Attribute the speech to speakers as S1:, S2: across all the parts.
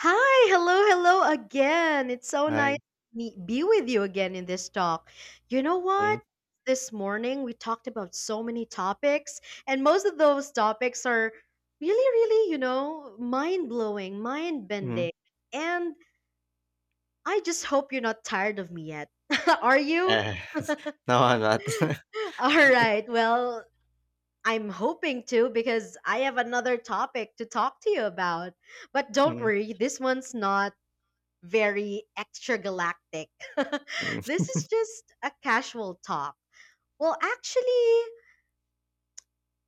S1: Hi, hello, hello again. It's so nice
S2: Ay,
S1: to be with you again in this talk. You know
S2: mm,
S1: what? This morning we talked about so many topics, and most of those topics are really, really, mind blowing, mind
S2: mm,
S1: bending. And I just hope you're not tired of me yet. Are you?
S2: yes. No, I'm not.
S1: All right. Well, I'm hoping to because I have another topic to talk to you about. But don't
S2: Mm,
S1: worry, this one's not very extragalactic.
S2: mm,
S1: This is just a casual talk. Well, actually,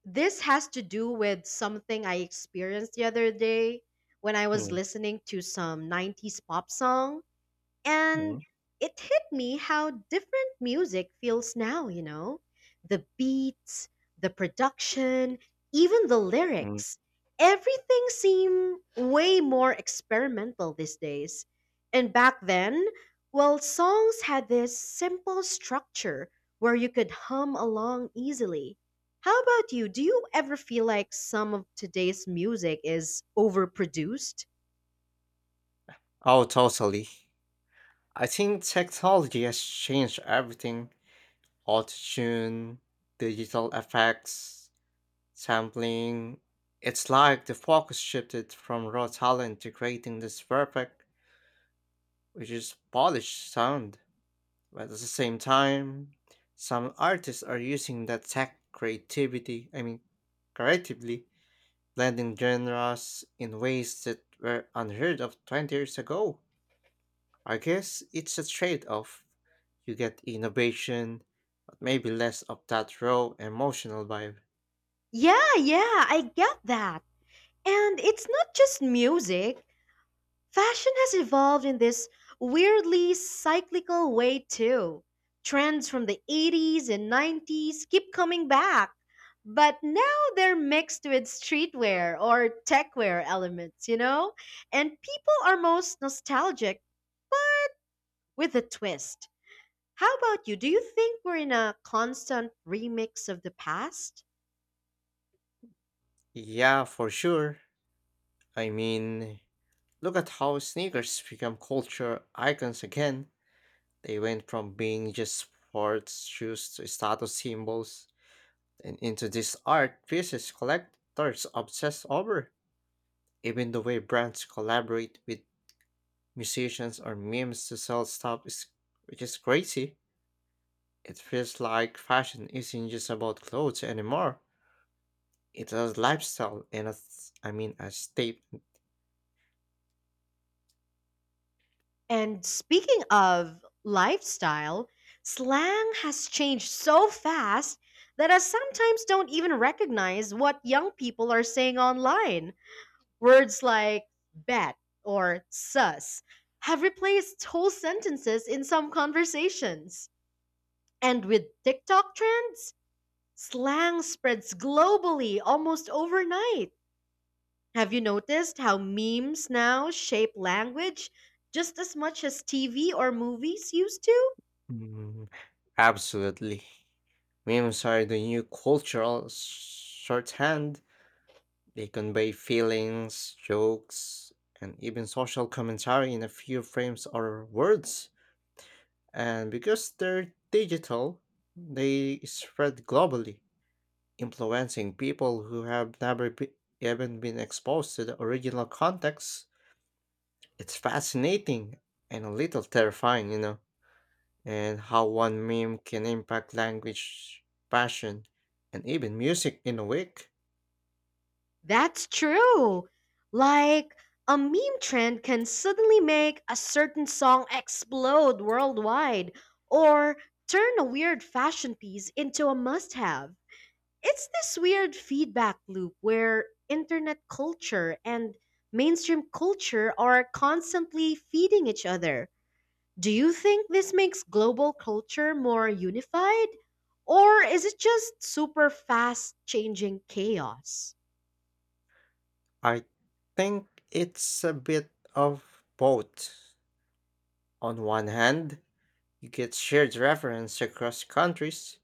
S1: this has to do with something I experienced the other day when I was
S2: mm,
S1: listening to some 90s pop song.
S2: mm,
S1: And it hit me how different music feels now, you know? The beats, the production, even the
S2: mm.
S1: lyrics. Everything seemed way more experimental these days. And back then, well, songs had this simple structure where you could hum along easily. How about you? Do you ever feel like some of today's music is overproduced?
S2: Oh, totally. I think technology has changed everything. Auto-tune, digital effects, sampling. It's like the focus shifted from raw talent to creating this perfect, which is polished sound. But at the same time, some artists are using that tech creativity, creatively. Blending genres in ways that were unheard of 20 years ago. I guess it's a trade off. You get innovation, but maybe less of that raw emotional vibe.
S1: Yeah, yeah, I get that. And it's not just music. Fashion has evolved in this weirdly cyclical way too. Trends from the 80s and 90s keep coming back, but now they're mixed with streetwear or techwear elements, you know? And people are most nostalgic with a twist. How about you? Do you think we're in a constant remix of the past?
S2: Yeah, for sure. I mean, look at how sneakers become culture icons again. They went from being just sports shoes to status symbols and into these art pieces collectors obsess over. Even the way brands collaborate with musicians or memes to sell stuff is which is crazy. It feels like fashion isn't just about clothes anymore. It's a lifestyle and a s- I mean a state.
S1: And speaking of lifestyle, slang has changed so fast that I sometimes don't even recognize what young people are saying online. Words like bet or sus have replaced whole sentences in some conversations. And with TikTok trends, slang spreads globally almost overnight. Have you noticed how memes now shape language just as much as TV or movies used to?
S2: Mm, absolutely. Memes are the new cultural shorthand. They convey feelings, jokes, and even social commentary in a few frames or words. And because they're digital, they spread globally, influencing people who have never be- even been exposed to the original context. It's fascinating and a little terrifying, and how one meme can impact language, fashion, and even music in a week.
S1: That's true. Like, a meme trend can suddenly make a certain song explode worldwide or turn a weird fashion piece into a must have. It's this weird feedback loop where internet culture and mainstream culture are constantly feeding each other. Do you think this makes global culture more unified? Or is it just super fast changing chaos?
S2: I think it's a bit of both. On one hand, you get shared reference across countries,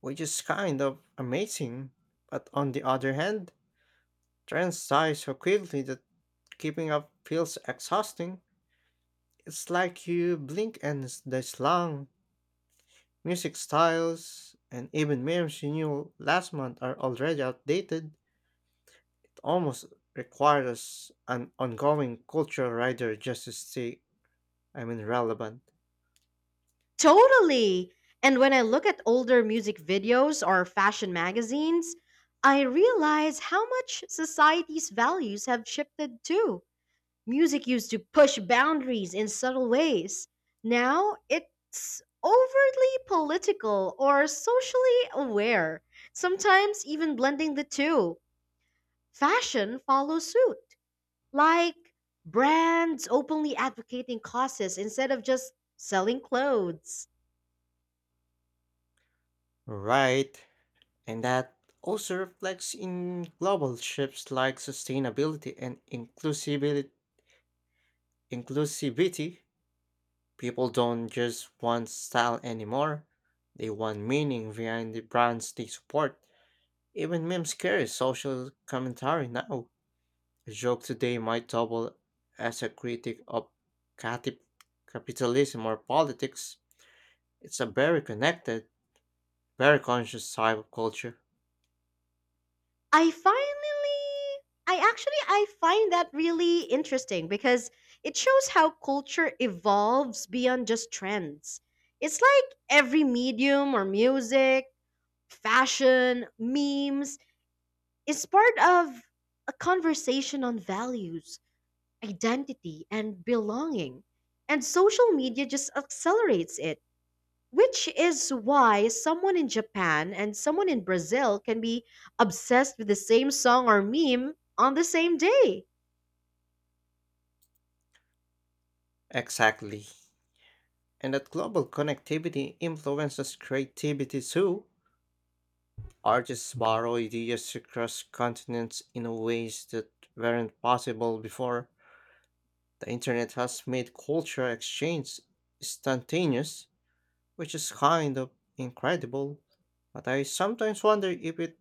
S2: which is kind of amazing, but on the other hand, trends die so quickly that keeping up feels exhausting. It's like you blink and the slang, music styles, and even memes you knew last month are already outdated. It almost requires an ongoing cultural rider just to stay, relevant.
S1: Totally! And when I look at older music videos or fashion magazines, I realize how much society's values have shifted too. Music used to push boundaries in subtle ways. Now it's overtly political or socially aware, sometimes even blending the two. Fashion follows suit, like brands openly advocating causes instead of just selling clothes.
S2: Right. And that also reflects in global shifts like sustainability and inclusivity. Inclusivity. People don't just want style anymore, they want meaning behind the brands they support. Even memes carry social commentary now. A joke today might double as a critic of cati- capitalism or politics. It's a very connected, very conscious type of culture.
S1: I finally, I actually, I find that really interesting because it shows how culture evolves beyond just trends. It's like every medium or music, fashion, memes is part of a conversation on values identity and belonging. And social media just accelerates it, which is why someone in Japan and someone in Brazil can be obsessed with the same song or meme on the same day.
S2: Exactly. And that global connectivity influences creativity too. Artists borrow ideas across continents in ways that weren't possible before. The internet has made culture exchange instantaneous, which is kind of incredible, but I sometimes wonder if it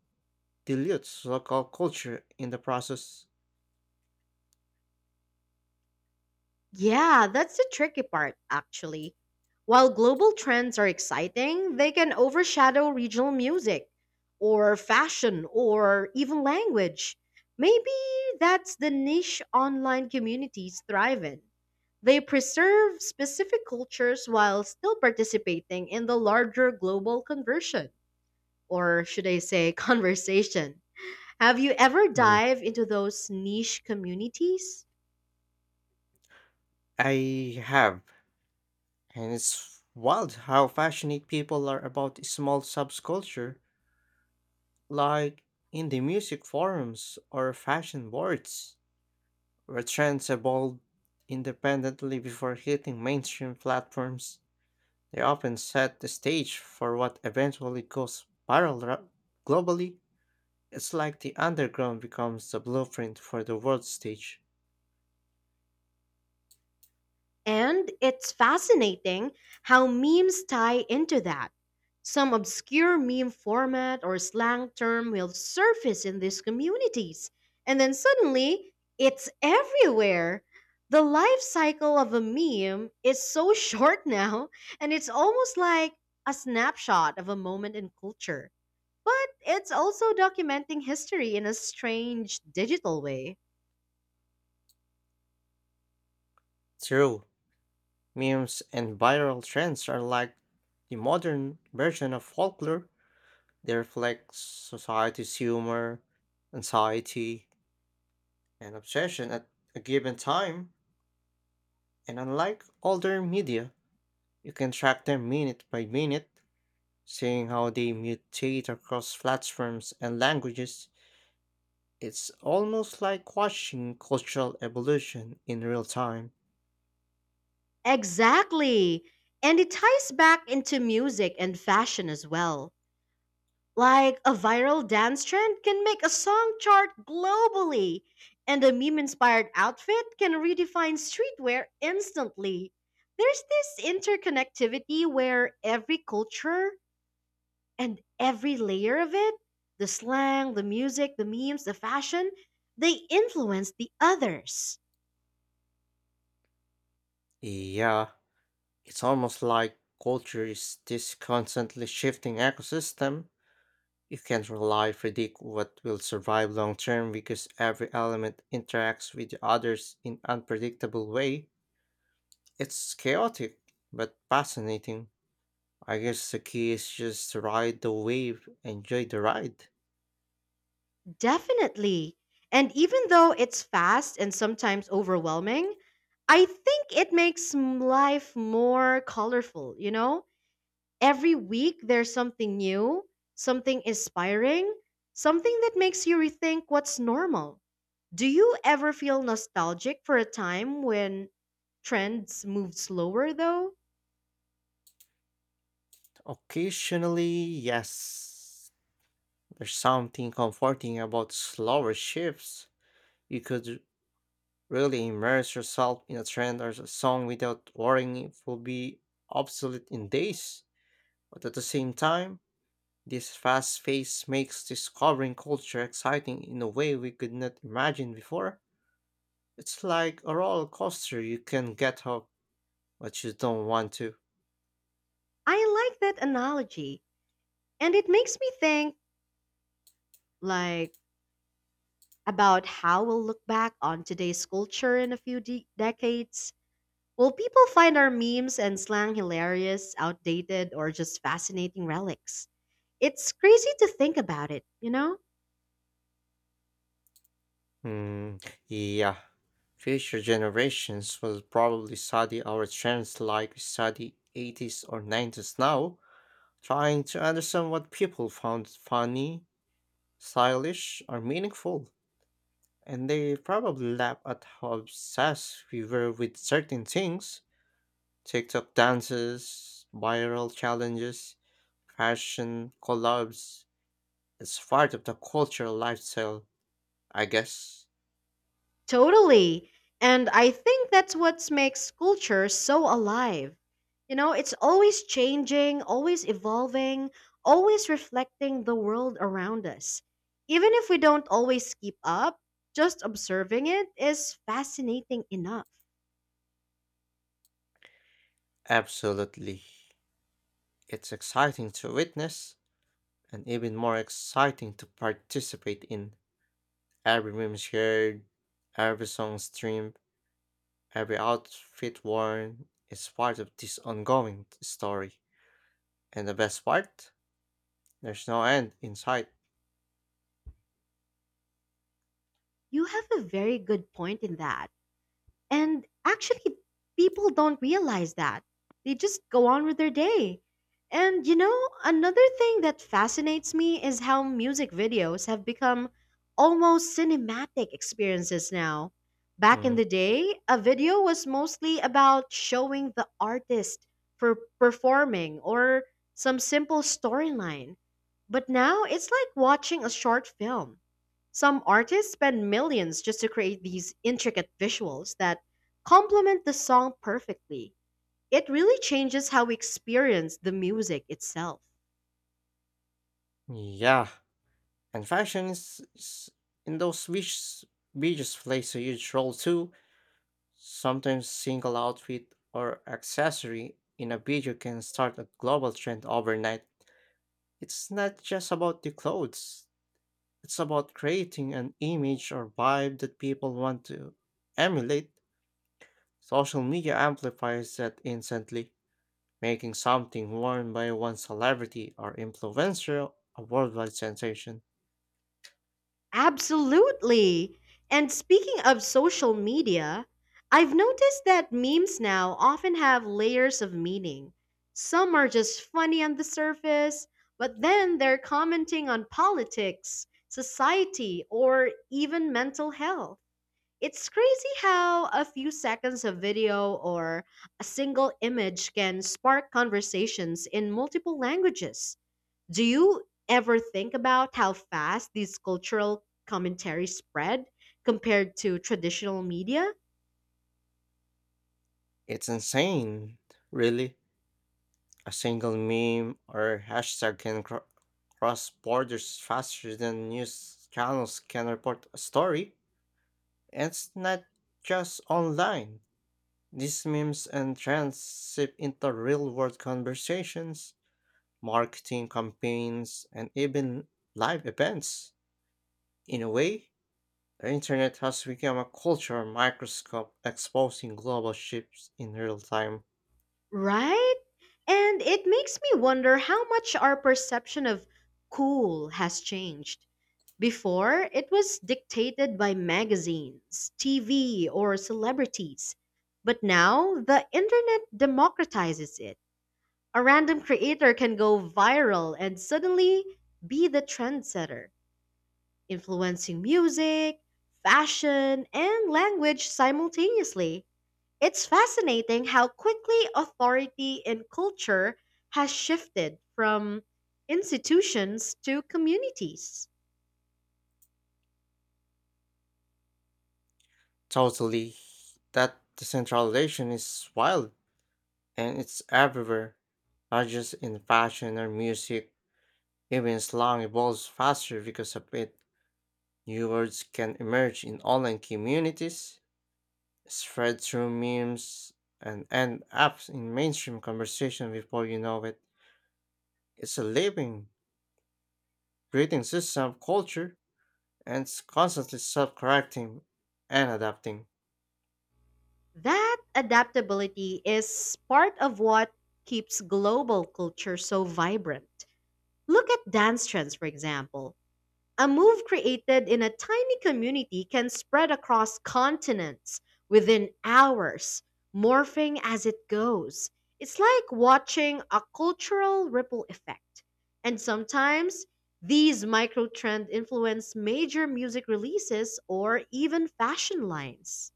S2: dilutes local culture in the process.
S1: Yeah, that's the tricky part, actually. While global trends are exciting, they can overshadow regional music, or fashion, or even language. Maybe that's the niche online communities thrive in. They preserve specific cultures while still participating in the larger global conversion, or should I say, conversation. Have you ever
S2: Mm.
S1: dived into those niche communities?
S2: I have, and it's wild how passionate people are about small subculture, like in the music forums or fashion boards, where trends evolve independently before hitting mainstream platforms. They often set the stage for what eventually goes viral globally. It's like the underground becomes the blueprint for the world stage.
S1: And it's fascinating how memes tie into that. Some obscure meme format or slang term will surface in these communities, and then suddenly it's everywhere. The life cycle of a meme is so short now, and it's almost like a snapshot of a moment in culture. But it's also documenting history in a strange digital way.
S2: True, memes and viral trends are like the modern version of folklore. They reflect society's humor, anxiety, and obsession at a given time. And unlike older media, you can track them minute by minute, seeing how they mutate across platforms and languages. It's almost like watching cultural evolution in real time.
S1: Exactly. And it ties back into music and fashion as well. Like a viral dance trend can make a song chart globally, and a meme inspired outfit can redefine streetwear instantly. There's this interconnectivity where every culture and every layer of it the slang, the music, the memes, the fashion they influence the others.
S2: Yeah, it's almost like culture is this constantly shifting ecosystem. You can't rely predict what will survive long term because every element interacts with the others in unpredictable way. It's chaotic but fascinating. I guess the key is just to ride the wave, enjoy the ride.
S1: Definitely. And even though it's fast and sometimes overwhelming, I think it makes life more colorful, you know? Every week there's something new, something inspiring, something that makes you rethink what's normal. Do you ever feel nostalgic for a time when trends moved slower though?
S2: Occasionally, yes. There's something comforting about slower shifts. You could really immerse yourself in a trend or a song without worrying it will be obsolete in days. But at the same time, this fast pace makes discovering culture exciting in a way we could not imagine before. It's like a roller coaster, you can get hooked, but you don't want to.
S1: I like that analogy. And it makes me think like about how we'll look back on today's culture in a few decades. Will people find our memes and slang hilarious, outdated, or just fascinating relics? It's crazy to think about it, you know?
S2: Hmm, yeah. Future generations will probably study our trends like we study 80s or 90s now, trying to understand what people found funny, stylish, or meaningful. And they probably laugh at how obsessed we were with certain things: TikTok dances, viral challenges, fashion collabs. It's part of the cultural lifestyle, I guess.
S1: Totally. And I think that's what makes culture so alive. You know, it's always changing, always evolving, always reflecting the world around us. Even if we don't always keep up, just observing it is fascinating enough.
S2: Absolutely. It's exciting to witness and even more exciting to participate in. Every meme shared, every song streamed, every outfit worn is part of this ongoing story. And the best part? There's no end in sight.
S1: You have a very good point in that. And actually, people don't realize that. They just go on with their day. And another thing that fascinates me is how music videos have become almost cinematic experiences now. Back in
S2: Mm,
S1: the day, a video was mostly about showing the artist for performing or some simple storyline. But now it's like watching a short film. Some artists spend millions just to create these intricate visuals that complement the song perfectly. It really changes how we experience the music itself.
S2: yeah, and fashion is in beaches plays a huge role too. Sometimes single outfit or accessory in a video can start a global trend overnight. It's not just about the clothes, it's about creating an image or vibe that people want to emulate. Social media amplifies that instantly, making something worn by one celebrity or influencer a worldwide sensation.
S1: Absolutely. And speaking of social media, I've noticed that memes now often have layers of meaning. Some are just funny on the surface, but then they're commenting on politics, society, or even mental health. It's crazy how a few seconds of video or a single image can spark conversations in multiple languages. Do you ever think about how fast these cultural commentaries spread compared to traditional media?
S2: It's insane, really. A single meme or hashtag can cross borders faster than news channels can report a story. And it's not just online. These memes and trends seep into real world conversations, marketing campaigns, and even live events. In a way, the internet has become a cultural microscope exposing global shifts in real time.
S1: Right? And it makes me wonder how much our perception of cool has changed. Before, it was dictated by magazines, TV, or celebrities. But now, the internet democratizes it. A random creator can go viral and suddenly be the trendsetter, influencing music, fashion, and language simultaneously. It's fascinating how quickly authority in culture has shifted from institutions to communities.
S2: Totally. That decentralization is wild and it's everywhere, not just in fashion or music. Even slang evolves faster because of it. New words can emerge in online communities, spread through memes, and end up in mainstream conversation before you know it. It's a living, breathing system of culture and it's constantly self correcting and adapting.
S1: That adaptability is part of what keeps global culture so vibrant. Look at dance trends, for example. A move created in a tiny community can spread across continents within hours, morphing as it goes. It's like watching a cultural ripple effect. And sometimes these micro trends influence major music releases or even fashion lines.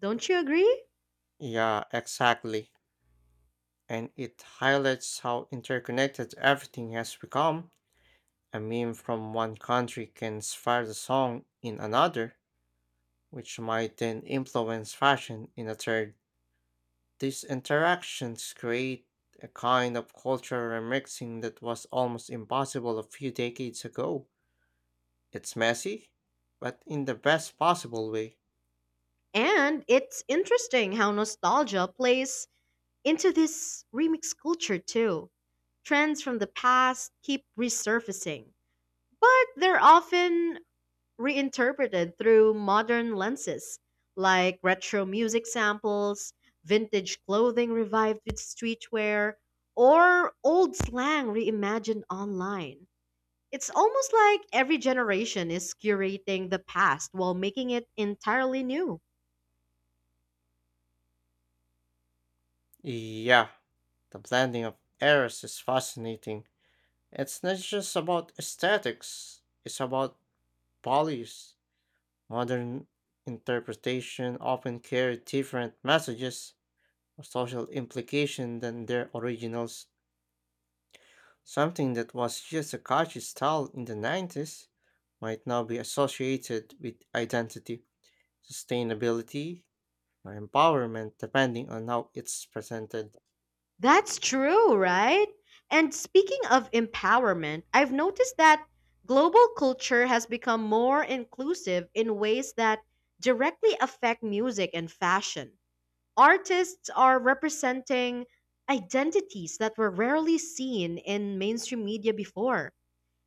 S1: Don't you agree?
S2: Yeah, exactly. And it highlights how interconnected everything has become. A meme from one country can inspire the song in another, which might then influence fashion in a third. These interactions create a kind of cultural remixing that was almost impossible a few decades ago. It's messy, but in the best possible way.
S1: And it's interesting how nostalgia plays into this remix culture too. Trends from the past keep resurfacing, but they're often reinterpreted through modern lenses, like retro music samples, vintage clothing revived with streetwear, or old slang reimagined online. It's almost like every generation is curating the past while making it entirely new.
S2: Yeah, the blending of eras is fascinating. It's not just about aesthetics, it's about values. Modern interpretation often carry different messages or social implication than their originals. Something that was just a catchy style in the 90s might now be associated with identity, sustainability, or empowerment depending on how it's presented.
S1: That's true, right? And speaking of empowerment, I've noticed that global culture has become more inclusive in ways that directly affect music and fashion. Artists are representing identities that were rarely seen in mainstream media before,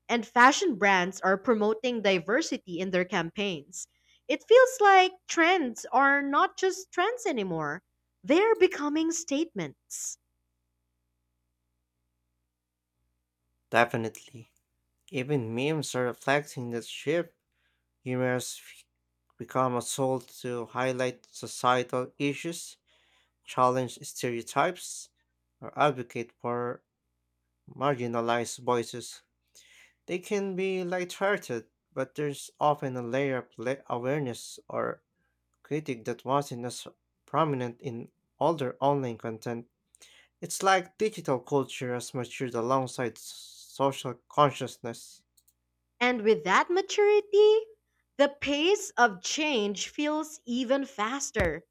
S1: and fashion brands are promoting diversity in their campaigns. It feels like trends are not just trends anymore, they're becoming statements.
S2: Definitely. Even memes are reflecting that shift. Humors f- Become a tool to highlight societal issues, challenge stereotypes, or advocate for marginalized voices. They can be lighthearted, but there's often a layer of awareness or critique that wasn't as prominent in older online content. It's like digital culture has matured alongside social consciousness.
S1: And with that maturity, the pace of change feels even faster.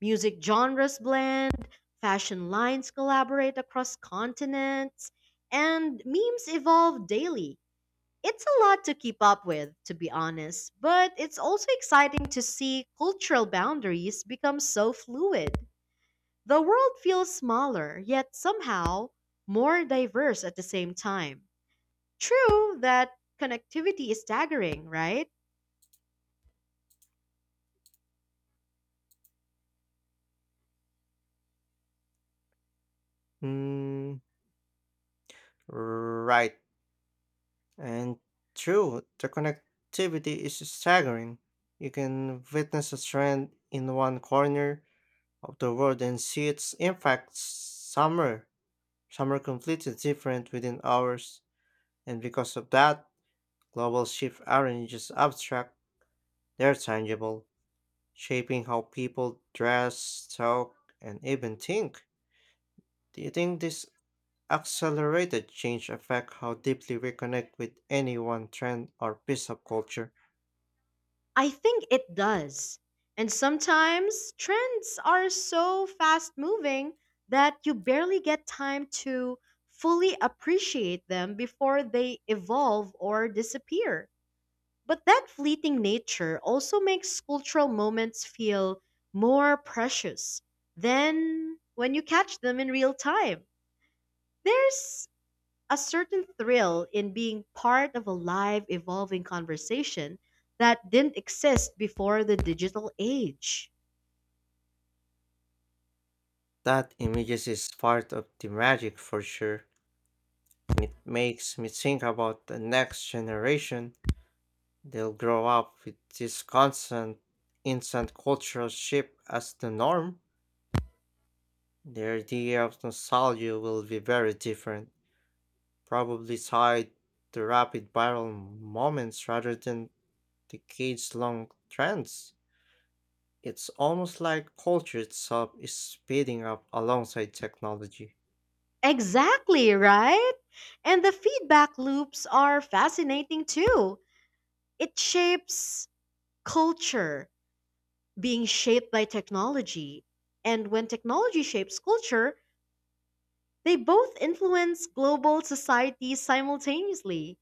S1: Music genres blend, fashion lines collaborate across continents, and memes evolve daily. It's a lot to keep up with, to be honest, but it's also exciting to see cultural boundaries become so fluid. The world feels smaller, yet somehow more diverse at the same time. True that connectivity is staggering, right?
S2: Mm, right. And true, the connectivity is staggering. You can witness a trend in one corner of the world and see its impact somewhere, completely different within hours. And because of that, global shifts aren't just abstract, they're tangible, shaping how people dress, talk, and even think. Do you think this accelerated change affect how deeply we connect with any one trend or piece of culture?
S1: I think it does. And sometimes trends are so fast moving that you barely get time to fully appreciate them before they evolve or disappear. But that fleeting nature also makes cultural moments feel more precious than when you catch them in real time. There's a certain thrill in being part of a live, evolving conversation that didn't exist before the digital age.
S2: That images is part of the magic for sure, and it makes me think about the next generation. They'll grow up with this constant, instant cultural shift as the norm. Their idea of nostalgia will be very different, probably tied to rapid viral moments rather than decades long trends. It's almost like culture itself is speeding up alongside technology.
S1: Exactly, right? And the feedback loops are fascinating too. It shapes culture, being shaped by technology. And when technology shapes culture, they both influence global societies simultaneously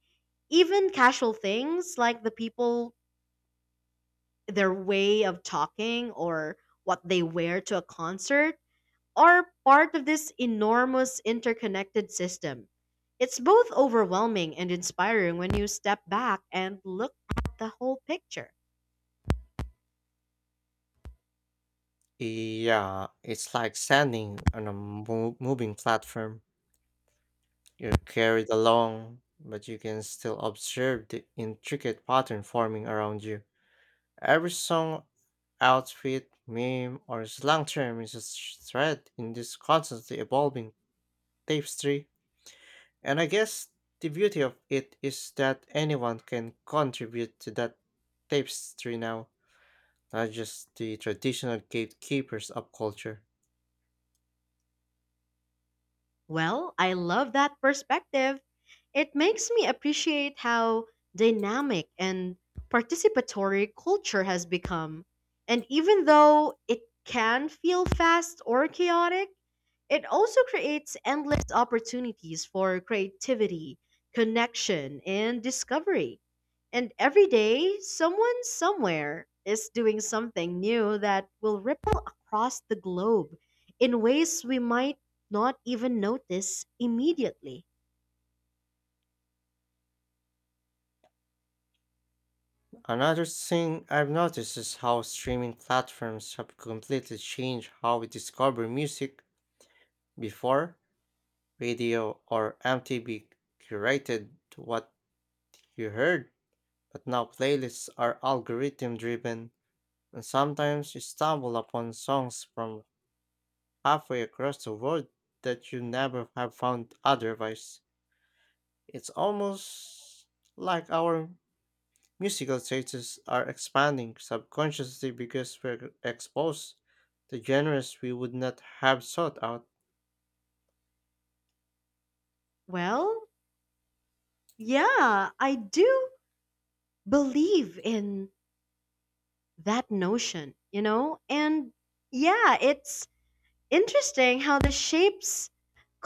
S1: even casual things like the people their way of talking or what they wear to a concert are part of this enormous interconnected system. It's both overwhelming and inspiring when you step back and look at the whole picture.
S2: Yeah, it's like standing on a moving platform. You're carried along, but you can still observe the intricate pattern forming around you. Every song, outfit, meme, or slang term is a thread in this constantly evolving tapestry. And I guess the beauty of it is that anyone can contribute to that tapestry now, not just the traditional gatekeepers of culture.
S1: Well, I love that perspective. It makes me appreciate how dynamic and participatory culture has become. And even though it can feel fast or chaotic, it also creates endless opportunities for creativity, connection, and discovery. And every day, someone somewhere is doing something new that will ripple across the globe in ways we might not even notice immediately.
S2: Another thing I've noticed is how streaming platforms have completely changed how we discover music. Before, radio or MTV curated what you heard, but now playlists are algorithm driven, and sometimes you stumble upon songs from halfway across the world that you never have found otherwise. It's almost like our musical tastes are expanding subconsciously because we're exposed to genres we would not have sought out.
S1: Well, yeah, I do believe in that notion, you know? And yeah, it's interesting how this shapes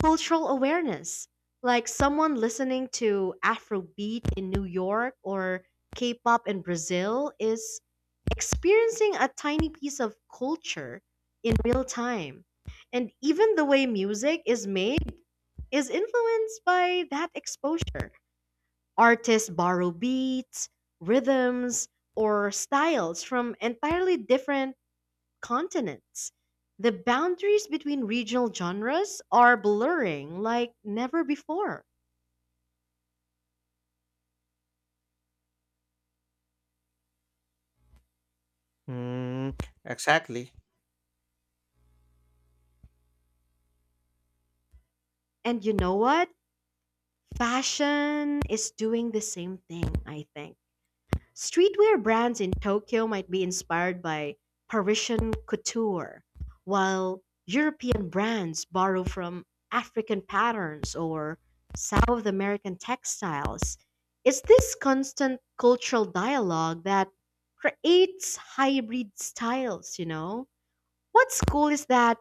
S1: cultural awareness. Like someone listening to Afrobeat in New York or K pop in Brazil is experiencing a tiny piece of culture in real time. And even the way music is made is influenced by that exposure. Artists borrow beats, rhythms, or styles from entirely different continents. The boundaries between regional genres are blurring like never before.
S2: Mm, exactly.
S1: And you know what? Fashion is doing the same thing, I think. Streetwear brands in Tokyo might be inspired by Parisian couture, while European brands borrow from African patterns or South American textiles. It's this constant cultural dialogue that creates hybrid styles, you know? What's cool is that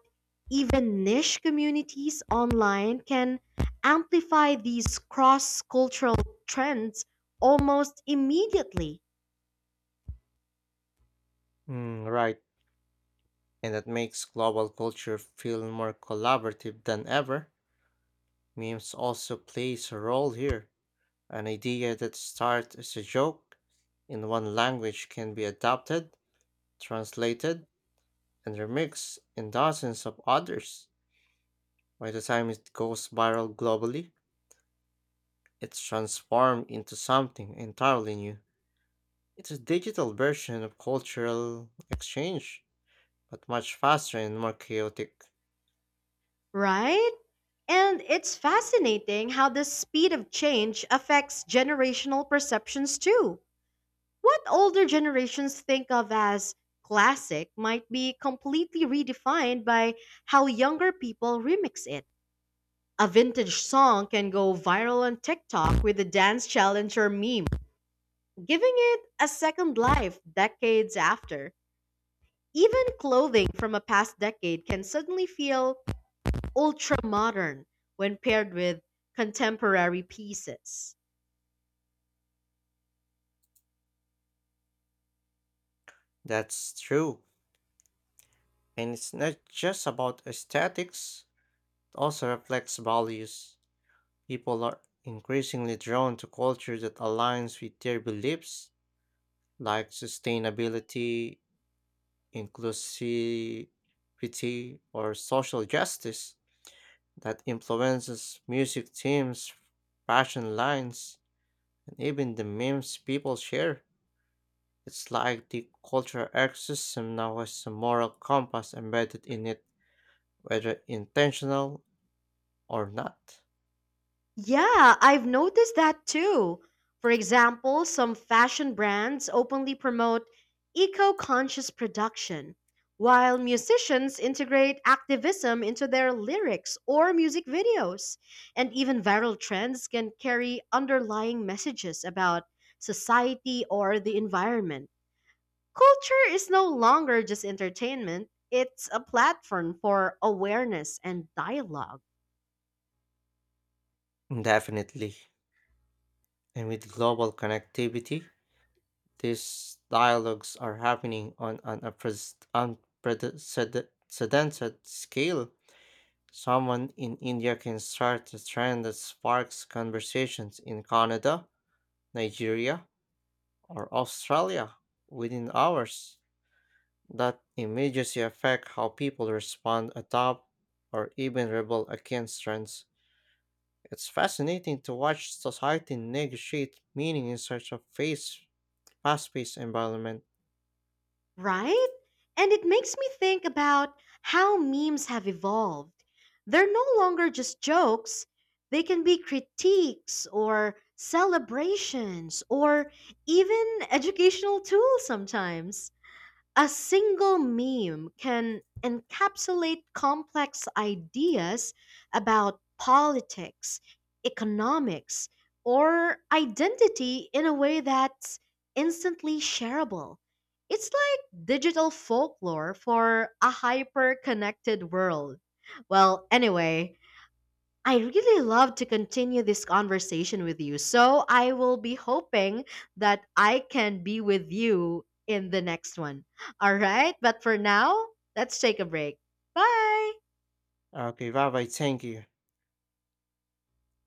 S1: even niche communities online can amplify these cross cultural trends almost immediately.
S2: Mm, right. And that makes global culture feel more collaborative than ever. Memes also plays a role here. An idea that starts as a joke in one language can be adapted, translated, and remixed in dozens of others. By the time it goes viral globally, it's transformed into something entirely new. It's a digital version of cultural exchange, but much faster and more chaotic.
S1: Right? And it's fascinating how the speed of change affects generational perceptions too. What older generations think of as classic might be completely redefined by how younger people remix it. A vintage song can go viral on TikTok with a dance challenge or meme, giving it a second life decades after. Even clothing from a past decade can suddenly feel ultra modern when paired with contemporary pieces.
S2: That's true. And it's not just about aesthetics, it also reflects values. People are increasingly drawn to culture that aligns with their beliefs, like sustainability, inclusivity, or social justice, that influences music themes, fashion lines, and even the memes people share. It's like the cultural ecosystem now has a moral compass embedded in it, whether intentional or not.
S1: Yeah, I've noticed that too. For example, some fashion brands openly promote eco conscious production, while musicians integrate activism into their lyrics or music videos. And even viral trends can carry underlying messages about society or the environment. Culture is no longer just entertainment, it's a platform for awareness and dialogue,
S2: Definitely. And with global connectivity, these dialogues are happening on an unprecedented scale. Someone in India can start a trend that sparks conversations in Canada, Nigeria, or Australia within hours. That immediately affect how people respond, adopt, or even rebel against trends. It's fascinating to watch society negotiate meaning in such a phase fast-paced environment.
S1: right? And it makes me think about how memes have evolved. They're no longer just jokes, they can be critiques or celebrations or even educational tools sometimes. A single meme can encapsulate complex ideas about politics, economics, or identity in a way that's instantly shareable. It's like digital folklore for a hyper connected world. Well, anyway, I really love to continue this conversation with you. So I will be hoping that I can be with you in the next one. All right. But for now, let's take a break. Bye.
S2: Ah, okay, bye-bye. Thank you.